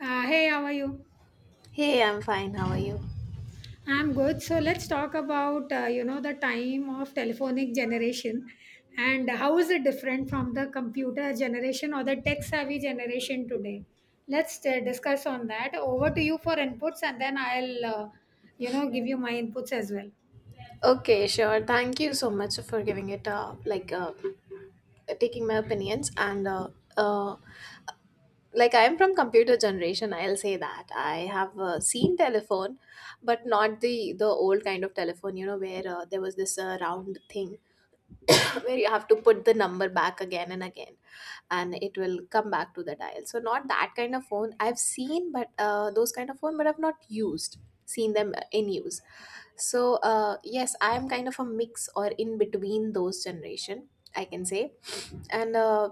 Hey, how are you? Hey, I'm fine. How are you? I'm good. So let's talk about the time of telephonic generation and how is it different from the computer generation or the tech savvy generation today. Let's discuss on that. Over to you for inputs, and then I'll give you my inputs as well. Okay, sure. Thank you so much for giving it like taking my opinions and uh like I am from computer generation, I'll say that. I have seen telephone, but not the old kind of telephone, you know, where there was this round thing where you have to put the number back again and again and it will come back to the dial. So not that kind of phone. I've seen but those kind of phone but I've not used seen them in use. So, yes, I am kind of a mix or in between those generation, I can say. And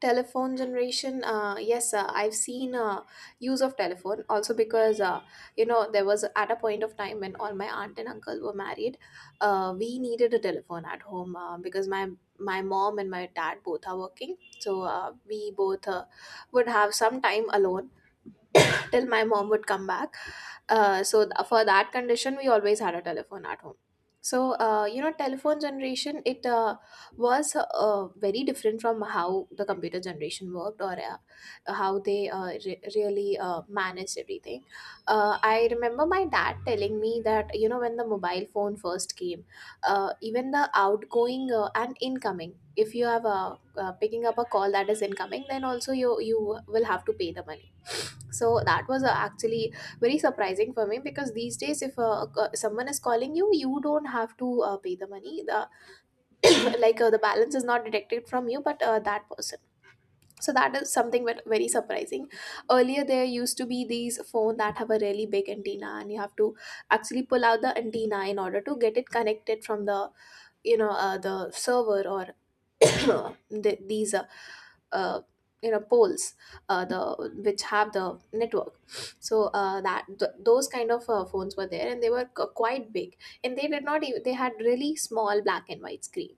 telephone generation, yes, I've seen use of telephone also because you know there was at a point of time when all my aunt and uncle were married, we needed a telephone at home because my mom and my dad both are working, so we both would have some time alone till my mom would come back. So for that condition, we always had a telephone at home. So you know, telephone generation it was very different from how the computer generation worked or how they really managed everything. I remember my dad telling me that you know when the mobile phone first came, even the outgoing and incoming. If you have a picking up a call that is incoming, then also you will have to pay the money, so that was actually very surprising for me, because these days if someone is calling you you don't have to pay the money, the the balance is not detected from you but that person. So that is something very surprising. Earlier there used to be these phone that have a really big antenna and you have to actually pull out the antenna in order to get it connected from the you know the server or these uh, you know poles, the which have the network. So those kind of phones were there, and they were quite big, and they did not even, they had really small black and white screen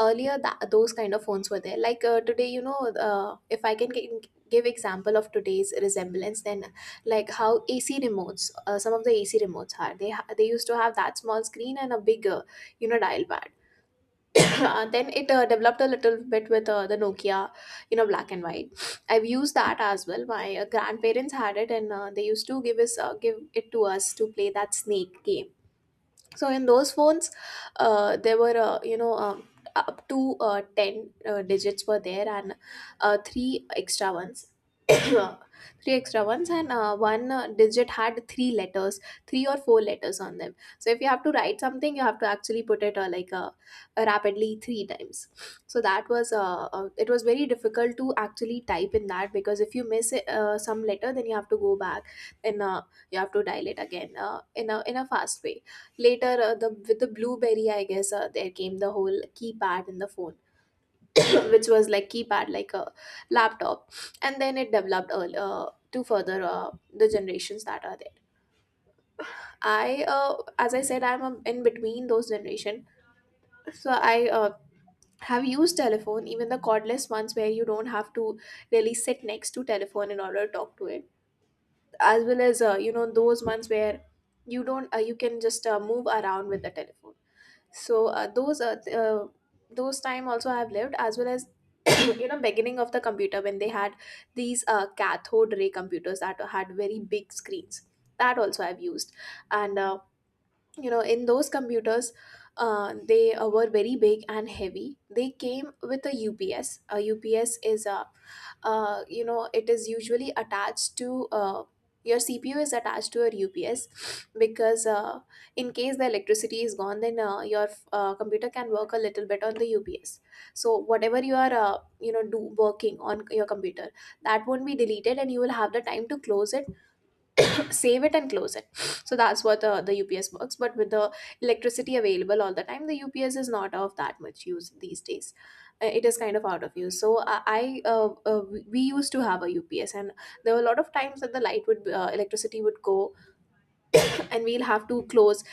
earlier. That, those kind of phones were there. Like today you know, if I can give example of today's resemblance, then like how AC remotes, some of the AC remotes are, they they used to have that small screen and a bigger you know dial pad. Then it developed a little bit with the Nokia, you know, black and white. I've used that as well. My grandparents had it, and they used to give it to us to play that snake game. So in those phones there were you know up to 10 digits were there, and three extra ones. Three extra ones, and one digit had three letters, three or four letters on them. So if you have to write something, you have to actually put it rapidly three times. So that was it was very difficult to actually type in that, because if you miss some letter, then you have to go back and you have to dial it again in a fast way. Later, the with the BlueBerry, I guess there came the whole keypad in the phone, which was like keypad like a laptop, and then it developed to further the generations that are there. As I said, I'm in between those generation, so I have used telephone, even the cordless ones, where you don't have to really sit next to telephone in order to talk to it, as well as you know those ones where you don't you can just move around with the telephone. So those time also I have lived, as well as you know beginning of the computer, when they had these cathode ray computers that had very big screens. That also I've used. And you know in those computers they were very big and heavy. They came with a UPS. A UPS is a you know, it is usually attached to your CPU, is attached to your UPS because in case the electricity is gone, then your computer can work a little bit on the UPS. So whatever you are you know do working on your computer, that won't be deleted, and you will have the time to close it, save it and close it. So that's what the UPS works. But with the electricity available all the time, the UPS is not of that much use these days. It is kind of out of use. So I we used to have a UPS, and there were a lot of times that the light would electricity would go, and we'll have to close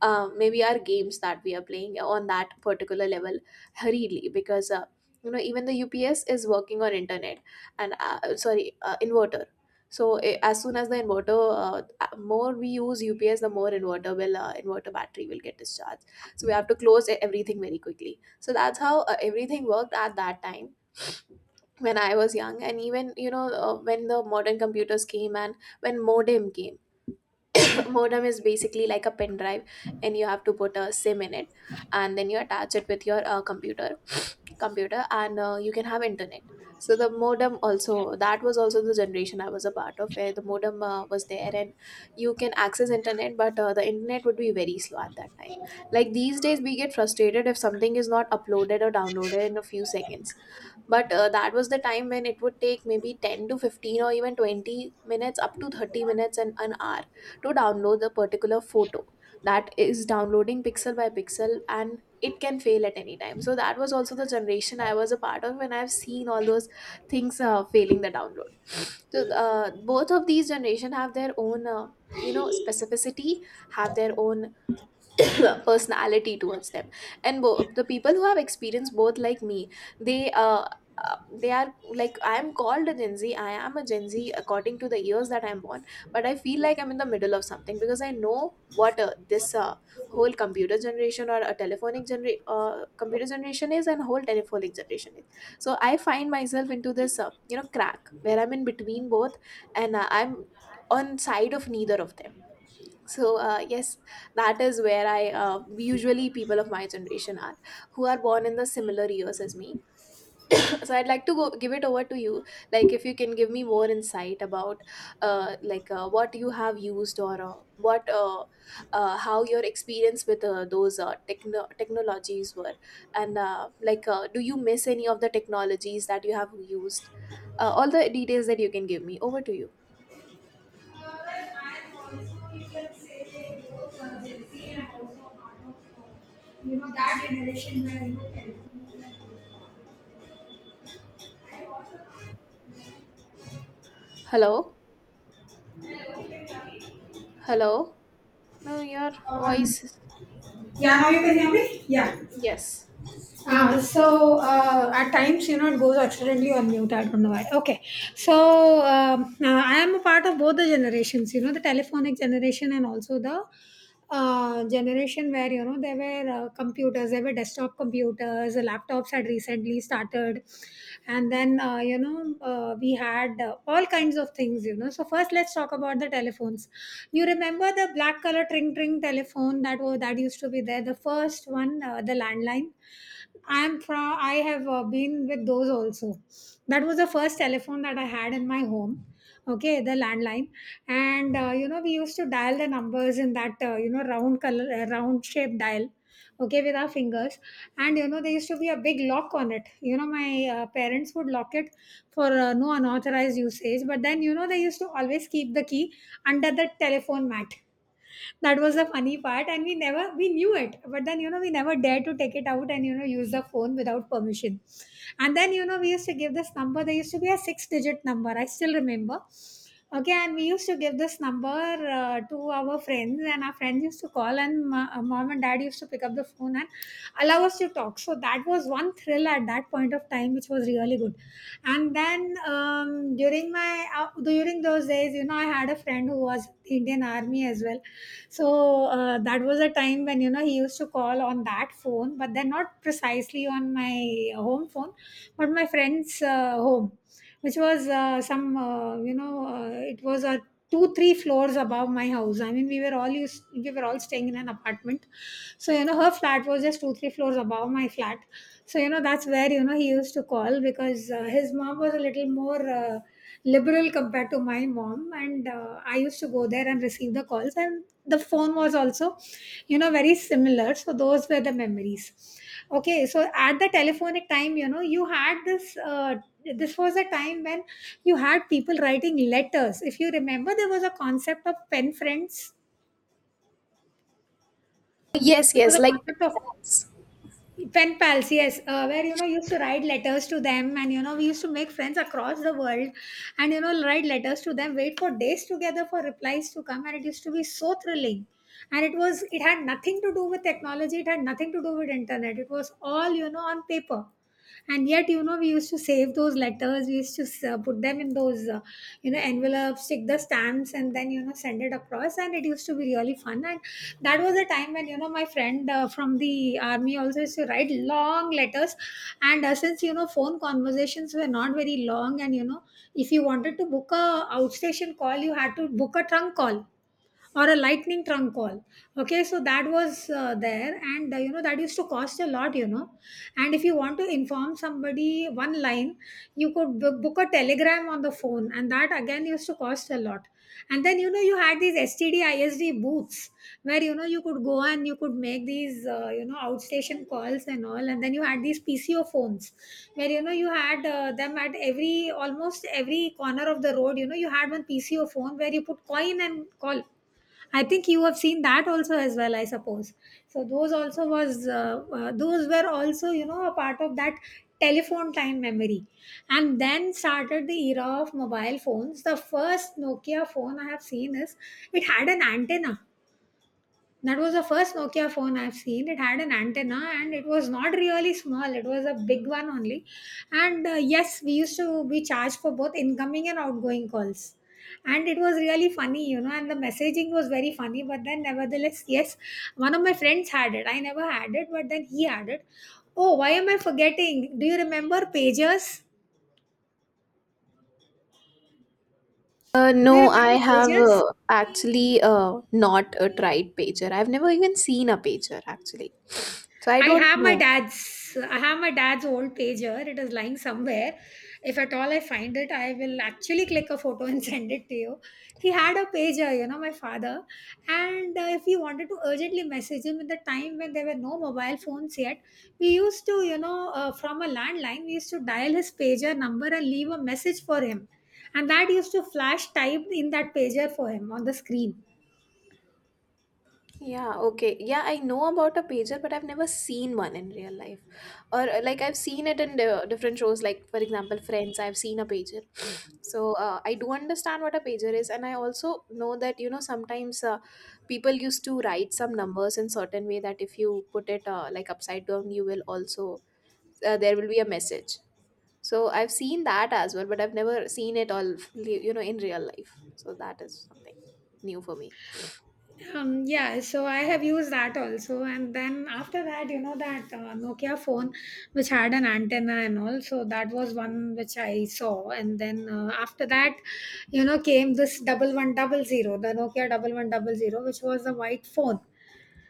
maybe our games that we are playing on that particular level hurriedly, because you know even the UPS is working on internet and sorry inverter. So eh, as soon as the inverter more we use UPS, the more inverter battery will get discharged. So we have to close everything very quickly. So that's how everything worked at that time, when I was young, and even you know when the modern computers came, and when modem came. Modem is basically like a pen drive, and you have to put a SIM in it, and then you attach it with your computer, and you can have internet. So the modem also, that was also the generation I was a part of, where the modem was there, and you can access internet, but the internet would be very slow at that time. Like these days we get frustrated if something is not uploaded or downloaded in a few seconds, but that was the time when it would take maybe 10 to 15 or even 20 minutes, up to 30 minutes and an hour to download the particular photo. That is downloading pixel by pixel, and it can fail at any time. So that was also the generation I was a part of, and I've seen all those things failing the download. So both of these generation have their own, you know, specificity, have their own personality towards them, and the people who have experienced both like me, they uh, uh, they are, like I am called a Gen Z. I am a Gen Z according to the years that I'm born, but I feel like I'm in the middle of something, because I know what this whole computer generation or a computer generation is, and whole telephonic generation is. So I find myself into this you know crack where I'm in between both, and I'm on side of neither of them. So yes, that is where I usually, people of my generation are, who are born in the similar years as me. So I'd like to go give it over to you, like if you can give me more insight about what you have used, or what how your experience with those technologies were, and do you miss any of the technologies that you have used. All the details that you can give me. Over to you. Hello? Hello? No, your Um, voice. yeah, now you can hear me? Yeah. Yes. So at times, it goes accidentally on mute. I don't know why. Okay. So I am a part of both the generations, the telephonic generation and also the generation where, there were computers, there were desktop computers, laptops had recently we started. And then we had all kinds of things. You know so first let's talk about the telephones. You remember the black color tring tring telephone that was that used to be there, the first one, the landline. I am from I have been with those also. That was the first telephone that I had in my home. Okay, the landline. And we used to dial the numbers in that round shape dial, okay, with our fingers. And there used to be a big lock on it. My parents would lock it for no unauthorized usage, but then they used to always keep the key under the telephone mat. That was the funny part, and we never we knew it, but then we never dared to take it out and use the phone without permission. And then we used to give this number. There used to be a six digit number, I still remember. Okay, and we used to give this number to our friends, and our friends used to call, and mom and dad used to pick up the phone and allow us to talk. So that was one thrill at that point of time, which was really good. And then during those days, I had a friend who was in the Indian Army as well. So that was a time when he used to call on that phone, but then not precisely on my home phone, but my friend's home, which was some you know it was a 2-3 floors above my house. I mean, we were all staying in an apartment, so her flat was just 2-3 floors above my flat. So that's where he used to call because his mom was a little more liberal compared to my mom, and I used to go there and receive the calls, and the phone was also very similar. So those were the memories. Okay, so at the telephonic time, you had this this was a time when you had people writing letters. If you remember, there was a concept of pen friends, Yes, there was yes, a like concept of pets. pen pals. Yes, where used to write letters to them, and we used to make friends across the world. And write letters to them, wait for days together for replies to come. And it used to be so thrilling. And it had nothing to do with technology, it had nothing to do with internet. It was all on paper. And yet we used to save those letters. We used to put them in those envelopes, stick the stamps, and then send it across. And it used to be really fun. And that was a time when my friend from the army also used to write long letters. And since phone conversations were not very long, and if you wanted to book a outstation call, you had to book a trunk call or a lightning trunk call. Okay, so that was there, and that used to cost a lot, and if you want to inform somebody one line, you could book a telegram on the phone, and that again used to cost a lot. And then you had these STD ISD booths where you could go and you could make these outstation calls and all. And then you had these PCO phones where you had them at every, almost every corner of the road. You had one PCO phone where you put coin and call. I think you have seen that also as well, I suppose. So those also was those were also a part of that telephone time memory. And then started the era of mobile phones. The first Nokia phone I have seen is, it had an antenna. That was the first Nokia phone I've seen. It had an antenna, and it was not really small. It was a big one only. And yes, we used to be charged for both incoming and outgoing calls. And it was really funny, and the messaging was very funny. But then, nevertheless, yes, one of my friends had it. I never had it, but then he had it. Oh, why am I forgetting? Do you No, I remember have Pages? actually not tried pager. I've never even seen a pager actually. So I don't know. I have my dad's old pager. It is lying somewhere. If at all I find it, I will actually click a photo and send it to you. He had a pager, my father. And if we wanted to urgently message him in the time when there were no mobile phones yet, we used to, you know, from a landline, we used to dial his pager number and leave a message for him. And that used to flash typed in that pager for him on the screen. Yeah, okay. Yeah, I know about a pager, but I've never seen one in real life. Or like I've seen it in the different shows, like for example, Friends, I've seen a pager. So I do understand what a pager is, and I also know that you know sometimes people used to write some numbers in certain way that if you put it upside down, you will also there will be a message. So I've seen that as well, but I've never seen it all, you know, in real life. So that is something new for me. Yeah, so I have used that also. And then after that, that Nokia phone which had an antenna and all, so that was one which I saw. And then after that, came this 1100, the Nokia 1100, which was a white phone,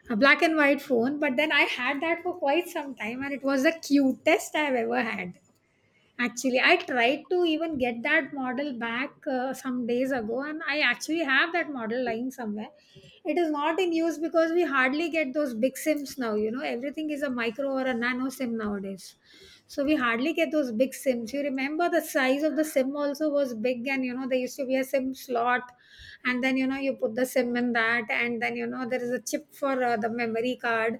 a black and white phone. But then I had that for quite some time, and it was the cutest I've ever had. Actually, I tried to even get that model back some days ago, and I actually have that model lying somewhere. It is not in use because we hardly get those big sims now. Everything is a micro or a nano sim nowadays. So we hardly get those big sims. You remember the size of the sim also was big, and there used to be a sim slot, and then you put the sim in that, and then there is a chip for the memory card.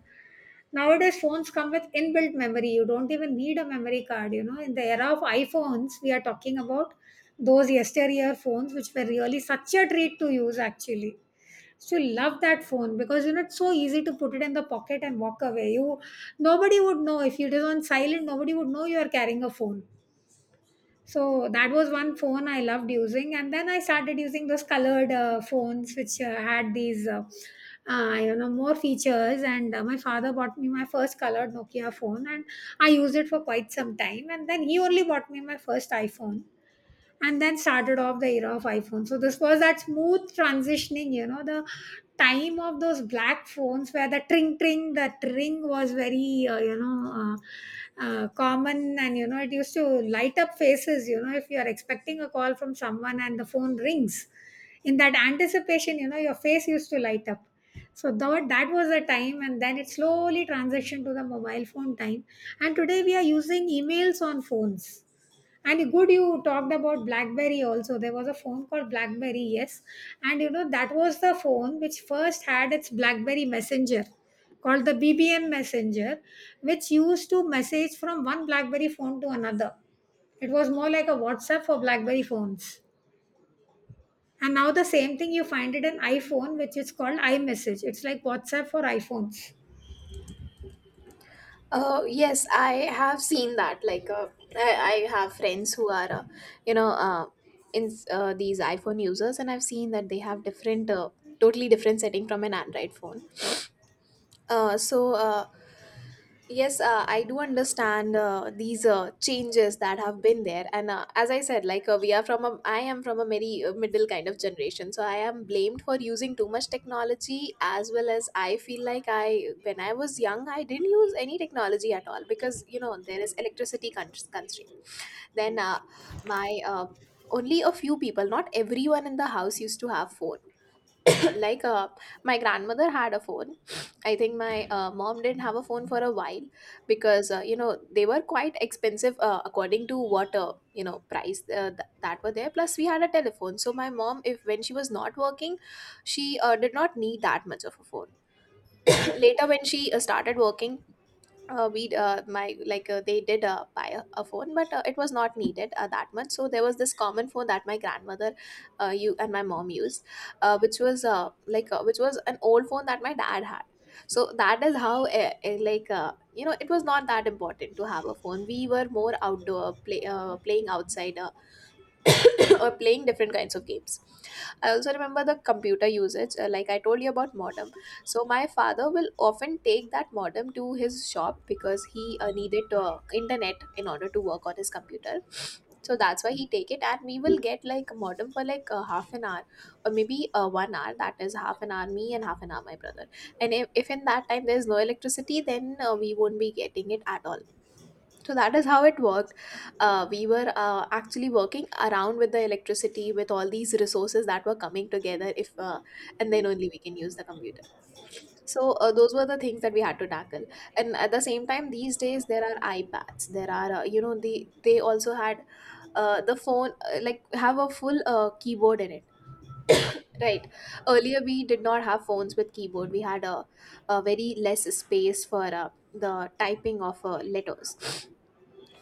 Nowadays, phones come with inbuilt memory. You don't even need a memory card. In the era of iPhones, we are talking about those yesteryear phones, which were really such a treat to use actually. So love that phone because it's so easy to put it in the pocket and walk away. You Nobody would know if it is on silent, nobody would know you are carrying a phone. So that was one phone I loved using. And then I started using those colored phones, which had these, more features. And my father bought me my first colored Nokia phone, and I used it for quite some time. And then he only bought me my first iPhone. And then started off the era of iPhone. So this was that smooth transitioning, the time of those black phones where the tring tring, that ring was very uh, common. And it used to light up faces, if you are expecting a call from someone and the phone rings, in that anticipation, your face used to light up. So that was the time. And then it slowly transitioned to the mobile phone time. And today we are using emails on phones. And good, you talked about BlackBerry also. There was a phone called BlackBerry, yes. And that was the phone which first had its BlackBerry Messenger called the BBM Messenger, which used to message from one BlackBerry phone to another. It was more like a WhatsApp for BlackBerry phones. And now the same thing you find it in iPhone, which is called iMessage. It's like WhatsApp for iPhones. Oh yes, I have seen that. Like, I have friends who are, you know, uh, in these iPhone users, and I've seen that they have different, totally different setting from an Android phone. Uh, so uh, Yes, I do understand these changes that have been there, and as I said, like we are from I am from a very middle kind of generation, so I am blamed for using too much technology, as well as I feel like when I was young, I didn't use any technology at all because you know there is electricity constraint. Then my only a few people, not everyone in the house used to have phone, like my grandmother had a phone. I think my mom didn't have a phone for a while because they were quite expensive, according to what, price that were there, plus we had a telephone. So my mom, if when she was not working, she did not need that much of a phone. Later when she started working, we my like they did buy a phone, but it was not needed that much. So there was this common phone that my grandmother you and my mom used, which was an old phone that my dad had. So that is how, it was not that important to have a phone. We were more playing outside, or playing different kinds of games. I also remember the computer usage, like I told you about modem. So my father will often take that modem to his shop because he needed internet in order to work on his computer. So that's why he take it, and we will get like a modem for like half an hour or maybe one hour. That is half an hour me and half an hour my brother. And if in that time there is no electricity, then we won't be getting it at all, so that is how it worked. We were actually working around with the electricity with all these resources that were coming together, if and then only we can use the computer. So those were the things that we had to tackle. And at the same time, these days there are iPads, there are, they also had, the phone, have a full keyboard in it, right? Earlier we did not have phones with keyboard. We had a very less space for the typing of letters.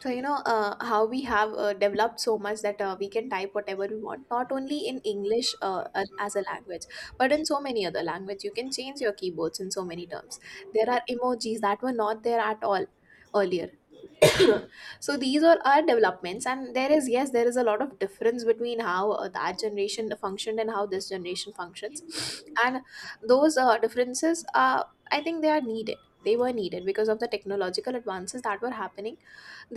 So you know how we have developed so much that we can type whatever we want, not only in English as a language, but in so many other language. You can change your keyboards in so many terms. There are emojis that were not there at all earlier. So these are our developments, and there is, yes, there is a lot of difference between how that generation functioned and how this generation functions. And those differences, I think they are needed. They were needed because of the technological advances that were happening.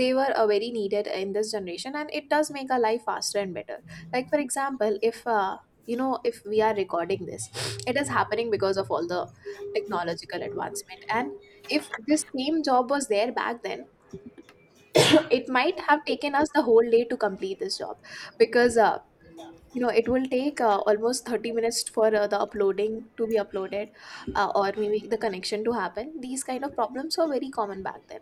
They were very needed in this generation, and it does make our life faster and better. Like, for example, if you know if we are recording this, it is happening because of all the technological advancement. And if this same job was there back then, it might have taken us the whole day to complete this job, because it will take almost 30 minutes for the uploading to be uploaded, or maybe the connection to happen. These kind of problems were very common back then,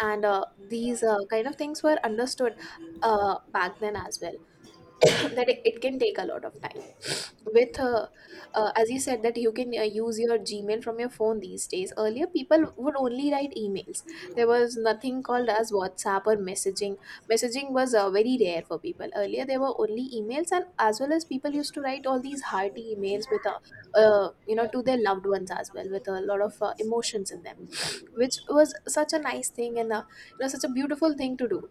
and these kind of things were understood back then as well, that it can take a lot of time, with as you said that you can use your Gmail from your phone these days. Earlier, people would only write emails. There was nothing called as WhatsApp or messaging. Messaging was very rare for people. Earlier, there were only emails, and as well as people used to write all these hearty emails with, to their loved ones as well, with a lot of emotions in them, which was such a nice thing, and such a beautiful thing to do,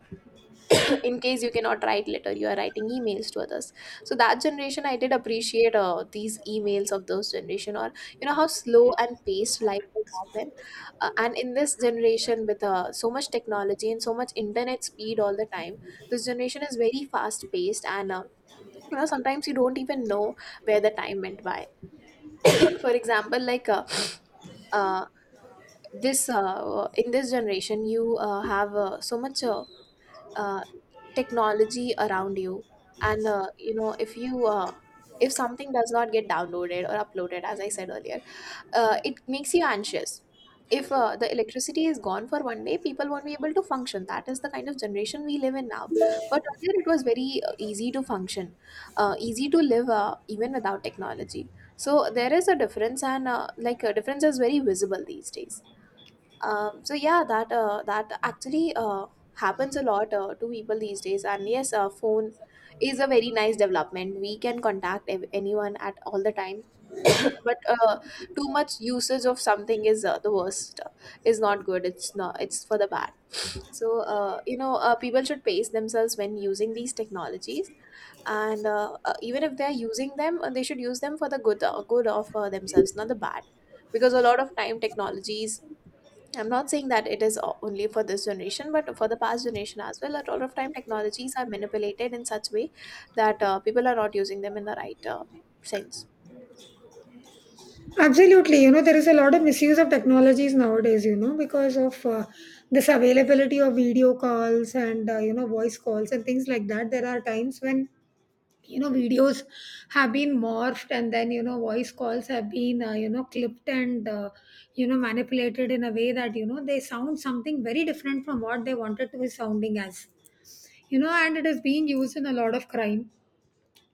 in case you cannot write letter, you are writing emails to others. So that generation, I did appreciate these emails of those generation, or you know how slow and paced life was back then. And in this generation with so much technology and so much internet speed all the time, this generation is very fast paced, and you know sometimes you don't even know where the time went by. For example, like uh, this in this generation you have so much uh, technology around you. And if something does not get downloaded or uploaded, as I said earlier, it makes you anxious. If the electricity is gone for one day, people won't be able to function. That is the kind of generation we live in now. But earlier it was very easy to function, easy to live, even without technology. So there is a difference, and like, a difference is very visible these days. So yeah, that actually happens a lot to people these days. And yes, phone is a very nice development. We can contact anyone at all the time. But too much usage of something is the worst. Is not good. It's not. It's for the bad. So, people should pace themselves when using these technologies, and even if they're using them, they should use them for the good, good of themselves, not the bad. Because a lot of time technologies, I'm not saying that it is only for this generation, but for the past generation as well. A lot of time, technologies are manipulated in such way that people are not using them in the right sense. Absolutely. You know, there is a lot of misuse of technologies nowadays, you know, because of this availability of video calls and, you know, voice calls and things like that. There are times when, you know, videos have been morphed and then, you know, voice calls have been, you know, clipped and, you know, manipulated in a way that, you know, they sound something very different from what they wanted to be sounding as. You know, and it is being used in a lot of crime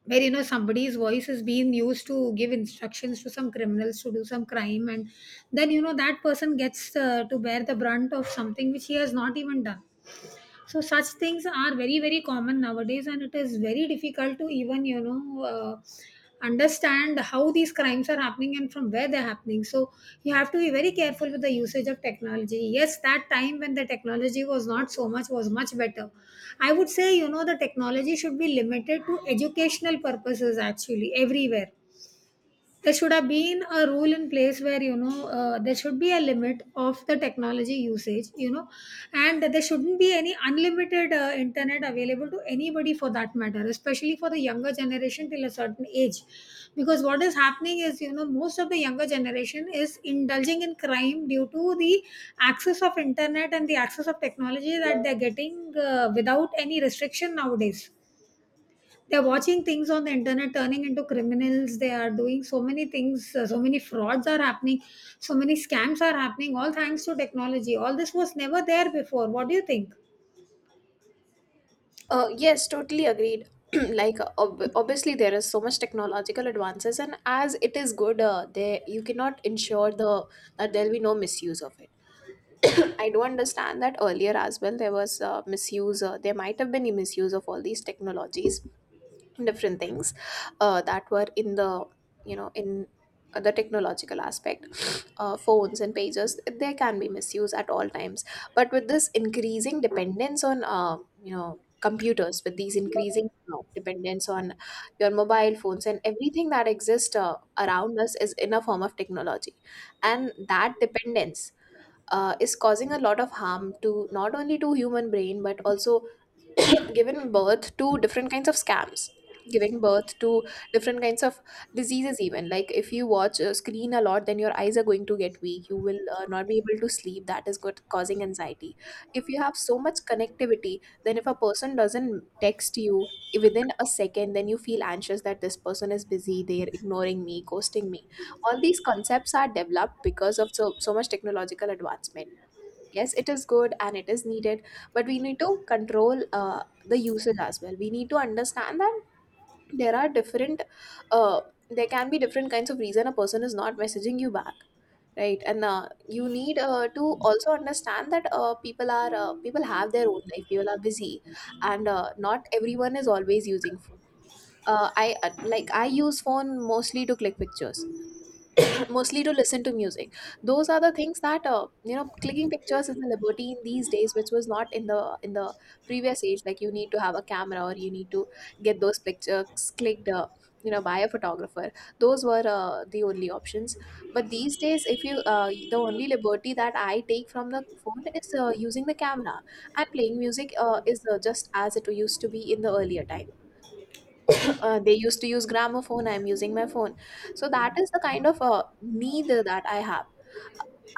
where you know somebody's voice is being used to give instructions to some criminals to do some crime, and then you know that person gets to bear the brunt of something which he has not even done. So such things are very, very common nowadays, and it is very difficult to even, you know, understand how these crimes are happening and from where they're happening. So you have to be very careful with the usage of technology. Yes, that time when the technology was not so much was much better. I would say, you know, the technology should be limited to educational purposes. Actually, everywhere there should have been a rule in place where, you know, there should be a limit of the technology usage, you know, and there shouldn't be any unlimited internet available to anybody for that matter, especially for the younger generation till a certain age, because what is happening is, you know, most of the younger generation is indulging in crime due to the access of internet and the access of technology that they're getting without any restriction nowadays. They're watching things on the internet, turning into criminals. They are doing so many things. So many frauds are happening. So many scams are happening. All thanks to technology. All this was never there before. What do you think? Yes, totally agreed. Like, obviously, there is so much technological advances, and as it is good, there you cannot ensure the that there will be no misuse of it. I do understand that earlier as well. There was misuse. There might have been misuse of all these technologies, different things, that were in the technological aspect. Phones and pages, they can be misused at all times, but with this increasing dependence on, you know, computers, with these increasing dependence on your mobile phones, and everything that exists around us is in a form of technology, and that dependence, is causing a lot of harm, to not only to human brain, but also given birth to different kinds of scams, giving birth to different kinds of diseases even. Like, if you watch a screen a lot, then your eyes are going to get weak, you will not be able to sleep, that is good causing anxiety. If you have so much connectivity, then if a person doesn't text you within a second, then you feel anxious, that this person is busy, they're ignoring me, ghosting me. All these concepts are developed because of so, so much technological advancement. Yes, it is good and it is needed, but we need to control the usage as well. We need to understand that there are different, uh, there can be different kinds of reason a person is not messaging you back, right? And you need to also understand that people have their own life, people are busy, and not everyone is always using phone. I use phone mostly to click pictures, mostly to listen to music. Those are the things that, clicking pictures is a liberty in these days, which was not in the previous age. Like, you need to have a camera, or you need to get those pictures clicked, by a photographer. Those were the only options. But these days, if you the only liberty that I take from the phone is using the camera, and playing music is just as it used to be in the earlier time. They used to use gramophone, I'm using my phone. So that is the kind of need that I have.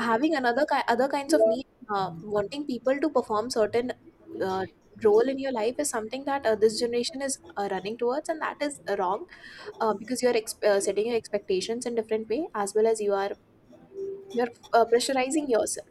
Having other kinds of need, uh, wanting people to perform certain uh, Role in your life is something that this generation is running towards, and that is wrong. Because you're setting your expectations in different way, as well as you're pressurizing yourself.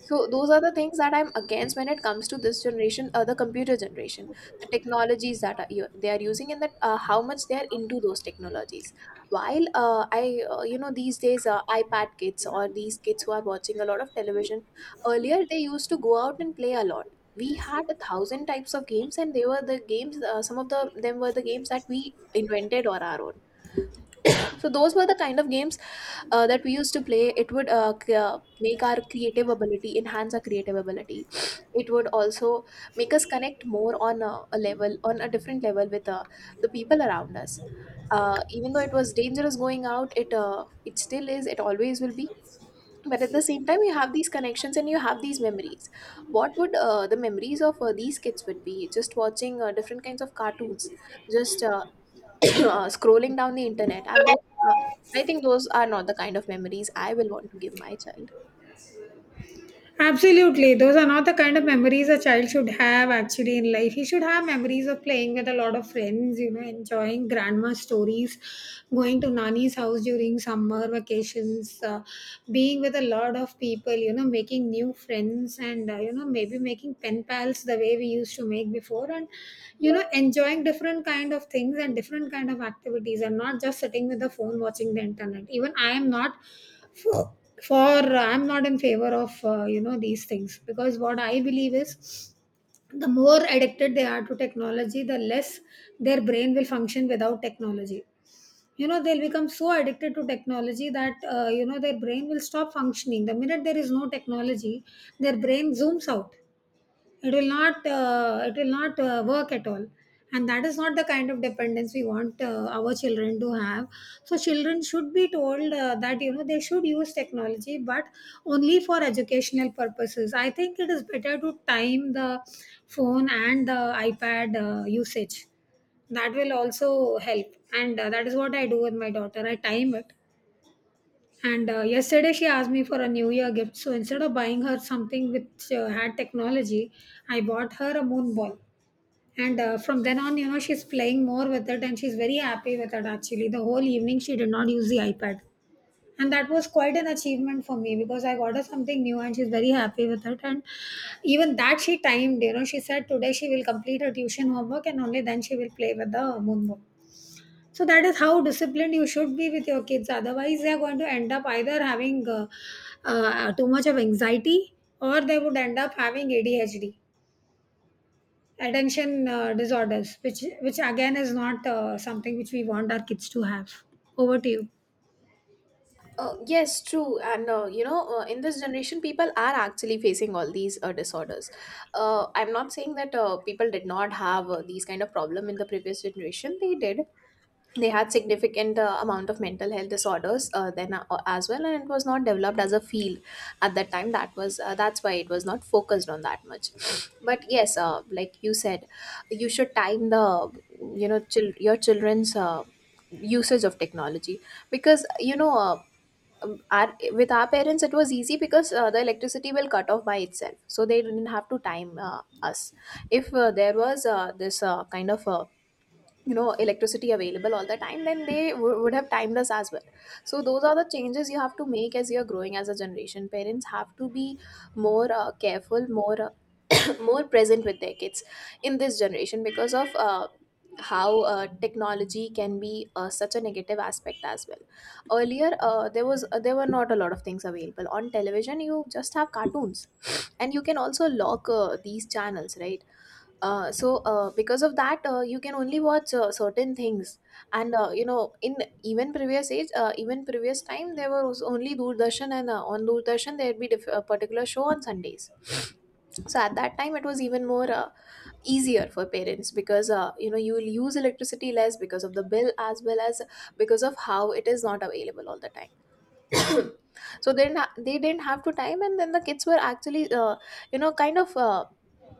So those are the things that I'm against when it comes to this generation, the computer generation, the technologies that are, they are using, and that how much they are into those technologies. While I, these days iPad kids, or these kids who are watching a lot of television, earlier they used to go out and play a lot. We had a thousand types of games, and they were the games. Some of the them were the games that we invented or our own. So those were the kind of games that we used to play. It would make our creative ability, enhance our creative ability. It would also make us connect more on a level, on a different level with the people around us. Even though it was dangerous going out, it still is. It always will be. But at the same time, you have these connections and you have these memories. What would the memories of these kids would be? Just watching different kinds of cartoons, just scrolling down the internet and those uh, I think those are not the kind of memories I will want to give my child. Absolutely. Those are not the kind of memories a child should have actually in life. He should have memories of playing with a lot of friends, you know, enjoying grandma's stories, going to Nani's house during summer vacations, being with a lot of people, you know, making new friends and, you know, maybe making pen pals the way we used to make before and, you know, enjoying different kind of things and different kind of activities, and not just sitting with the phone watching the internet. Even I am not for for I'm not in favor of you know, these things, because what I believe is the more addicted they are to technology, the less their brain will function without technology. You know, they'll become so addicted to technology that, you know, their brain will stop functioning the minute there is no technology. Their brain zooms out. It will not, uh, it will not work at all. And that is not the kind of dependence we want our children to have. So children should be told that, you know, they should use technology but only for educational purposes. I think it is better to time the phone and the iPad usage. That will also help. And that is what I do with my daughter. I time it. And yesterday she asked me for a New Year gift. So instead of buying her something which had technology, I bought her a moon ball. And from then on, you know, she's playing more with it and she's very happy with it actually. The whole evening she did not use the iPad. And that was quite an achievement for me because I got her something new and she's very happy with it. And even that she timed, you know, she said today she will complete her tuition homework and only then she will play with the moon ball. So that is how disciplined you should be with your kids. Otherwise, they are going to end up either having too much of anxiety, or they would end up having ADHD, attention disorders, which again is not something which we want our kids to have. Over to you. Yes, true. And in this generation, people are actually facing all these disorders. I'm not saying that people did not have these kind of problem in the previous generation. They did. They had significant amount of mental health disorders then as well, and it was not developed as a field at that time. That was that's why it was not focused on that much. But yes, like you said, you should time the you know chil- your children's usage of technology because you know. Our, with our parents it was easy, because the electricity will cut off by itself, so they didn't have to time us. If there was this kind of electricity available all the time, then they would have timed us as well. So those are the changes you have to make. As you're growing as a generation, parents have to be more careful, more more present with their kids in this generation, because of how technology can be such a negative aspect as well. Earlier there were not a lot of things available on television. You just have cartoons, and you can also lock these channels, right? So because of that you can only watch certain things. And in even previous age, even previous time, there was only Doordarshan, and on Doordarshan there would be a particular show on Sundays. So at that time it was even more easier for parents, because you will use electricity less because of the bill, as well as because of how it is not available all the time. So then they didn't have to time, and then the kids were actually you know kind of uh,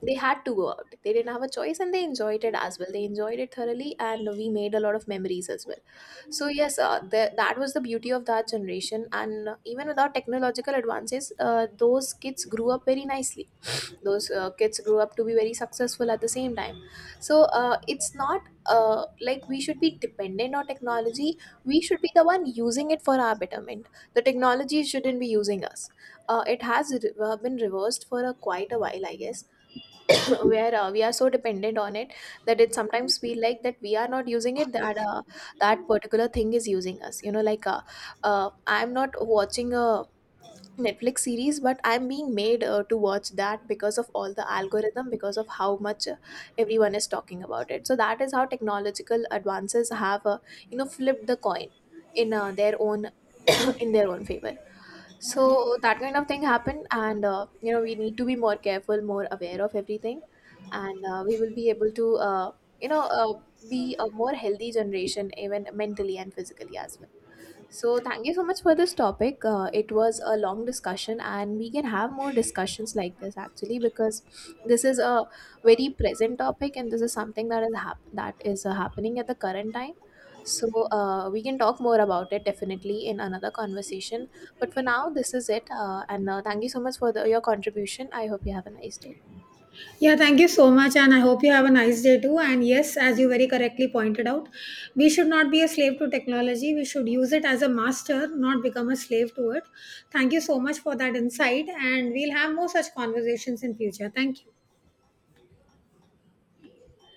they had to go out, they didn't have a choice, and they enjoyed it as well. They enjoyed it thoroughly, and we made a lot of memories as well. So yes, that was the beauty of that generation. And even without technological advances, those kids grew up very nicely. Those kids grow up to be very successful at the same time. So it's not like we should be dependent on technology. We should be the one using it for our betterment. The technology shouldn't be using us. It has been reversed for a quite a while, I guess, where we are so dependent on it that it sometimes feel like that we are not using it, that that particular thing is using us. You know like uh, uh, I'm not watching a Netflix series, but I'm being made to watch that because of all the algorithm, because of how much everyone is talking about it. So that is how technological advances have, flipped the coin in their own in their own favor. So that kind of thing happened, and we need to be more careful, more aware of everything, and we will be able to, you know, uh, be a more healthy generation, even mentally and physically as well. So, thank you so much for this topic. It was a long discussion, and we can have more discussions like this actually, because this is a very present topic, and this is something that that is happening at the current time. So, we can talk more about it definitely in another conversation. But for now, this is it. And thank you so much for your contribution. I hope you have a nice day. Yeah, thank you so much, and I hope you have a nice day too. And yes, as you very correctly pointed out, we should not be a slave to technology. We should use it as a master, not become a slave to it. Thank you so much for that insight, and we'll have more such conversations in future. Thank you.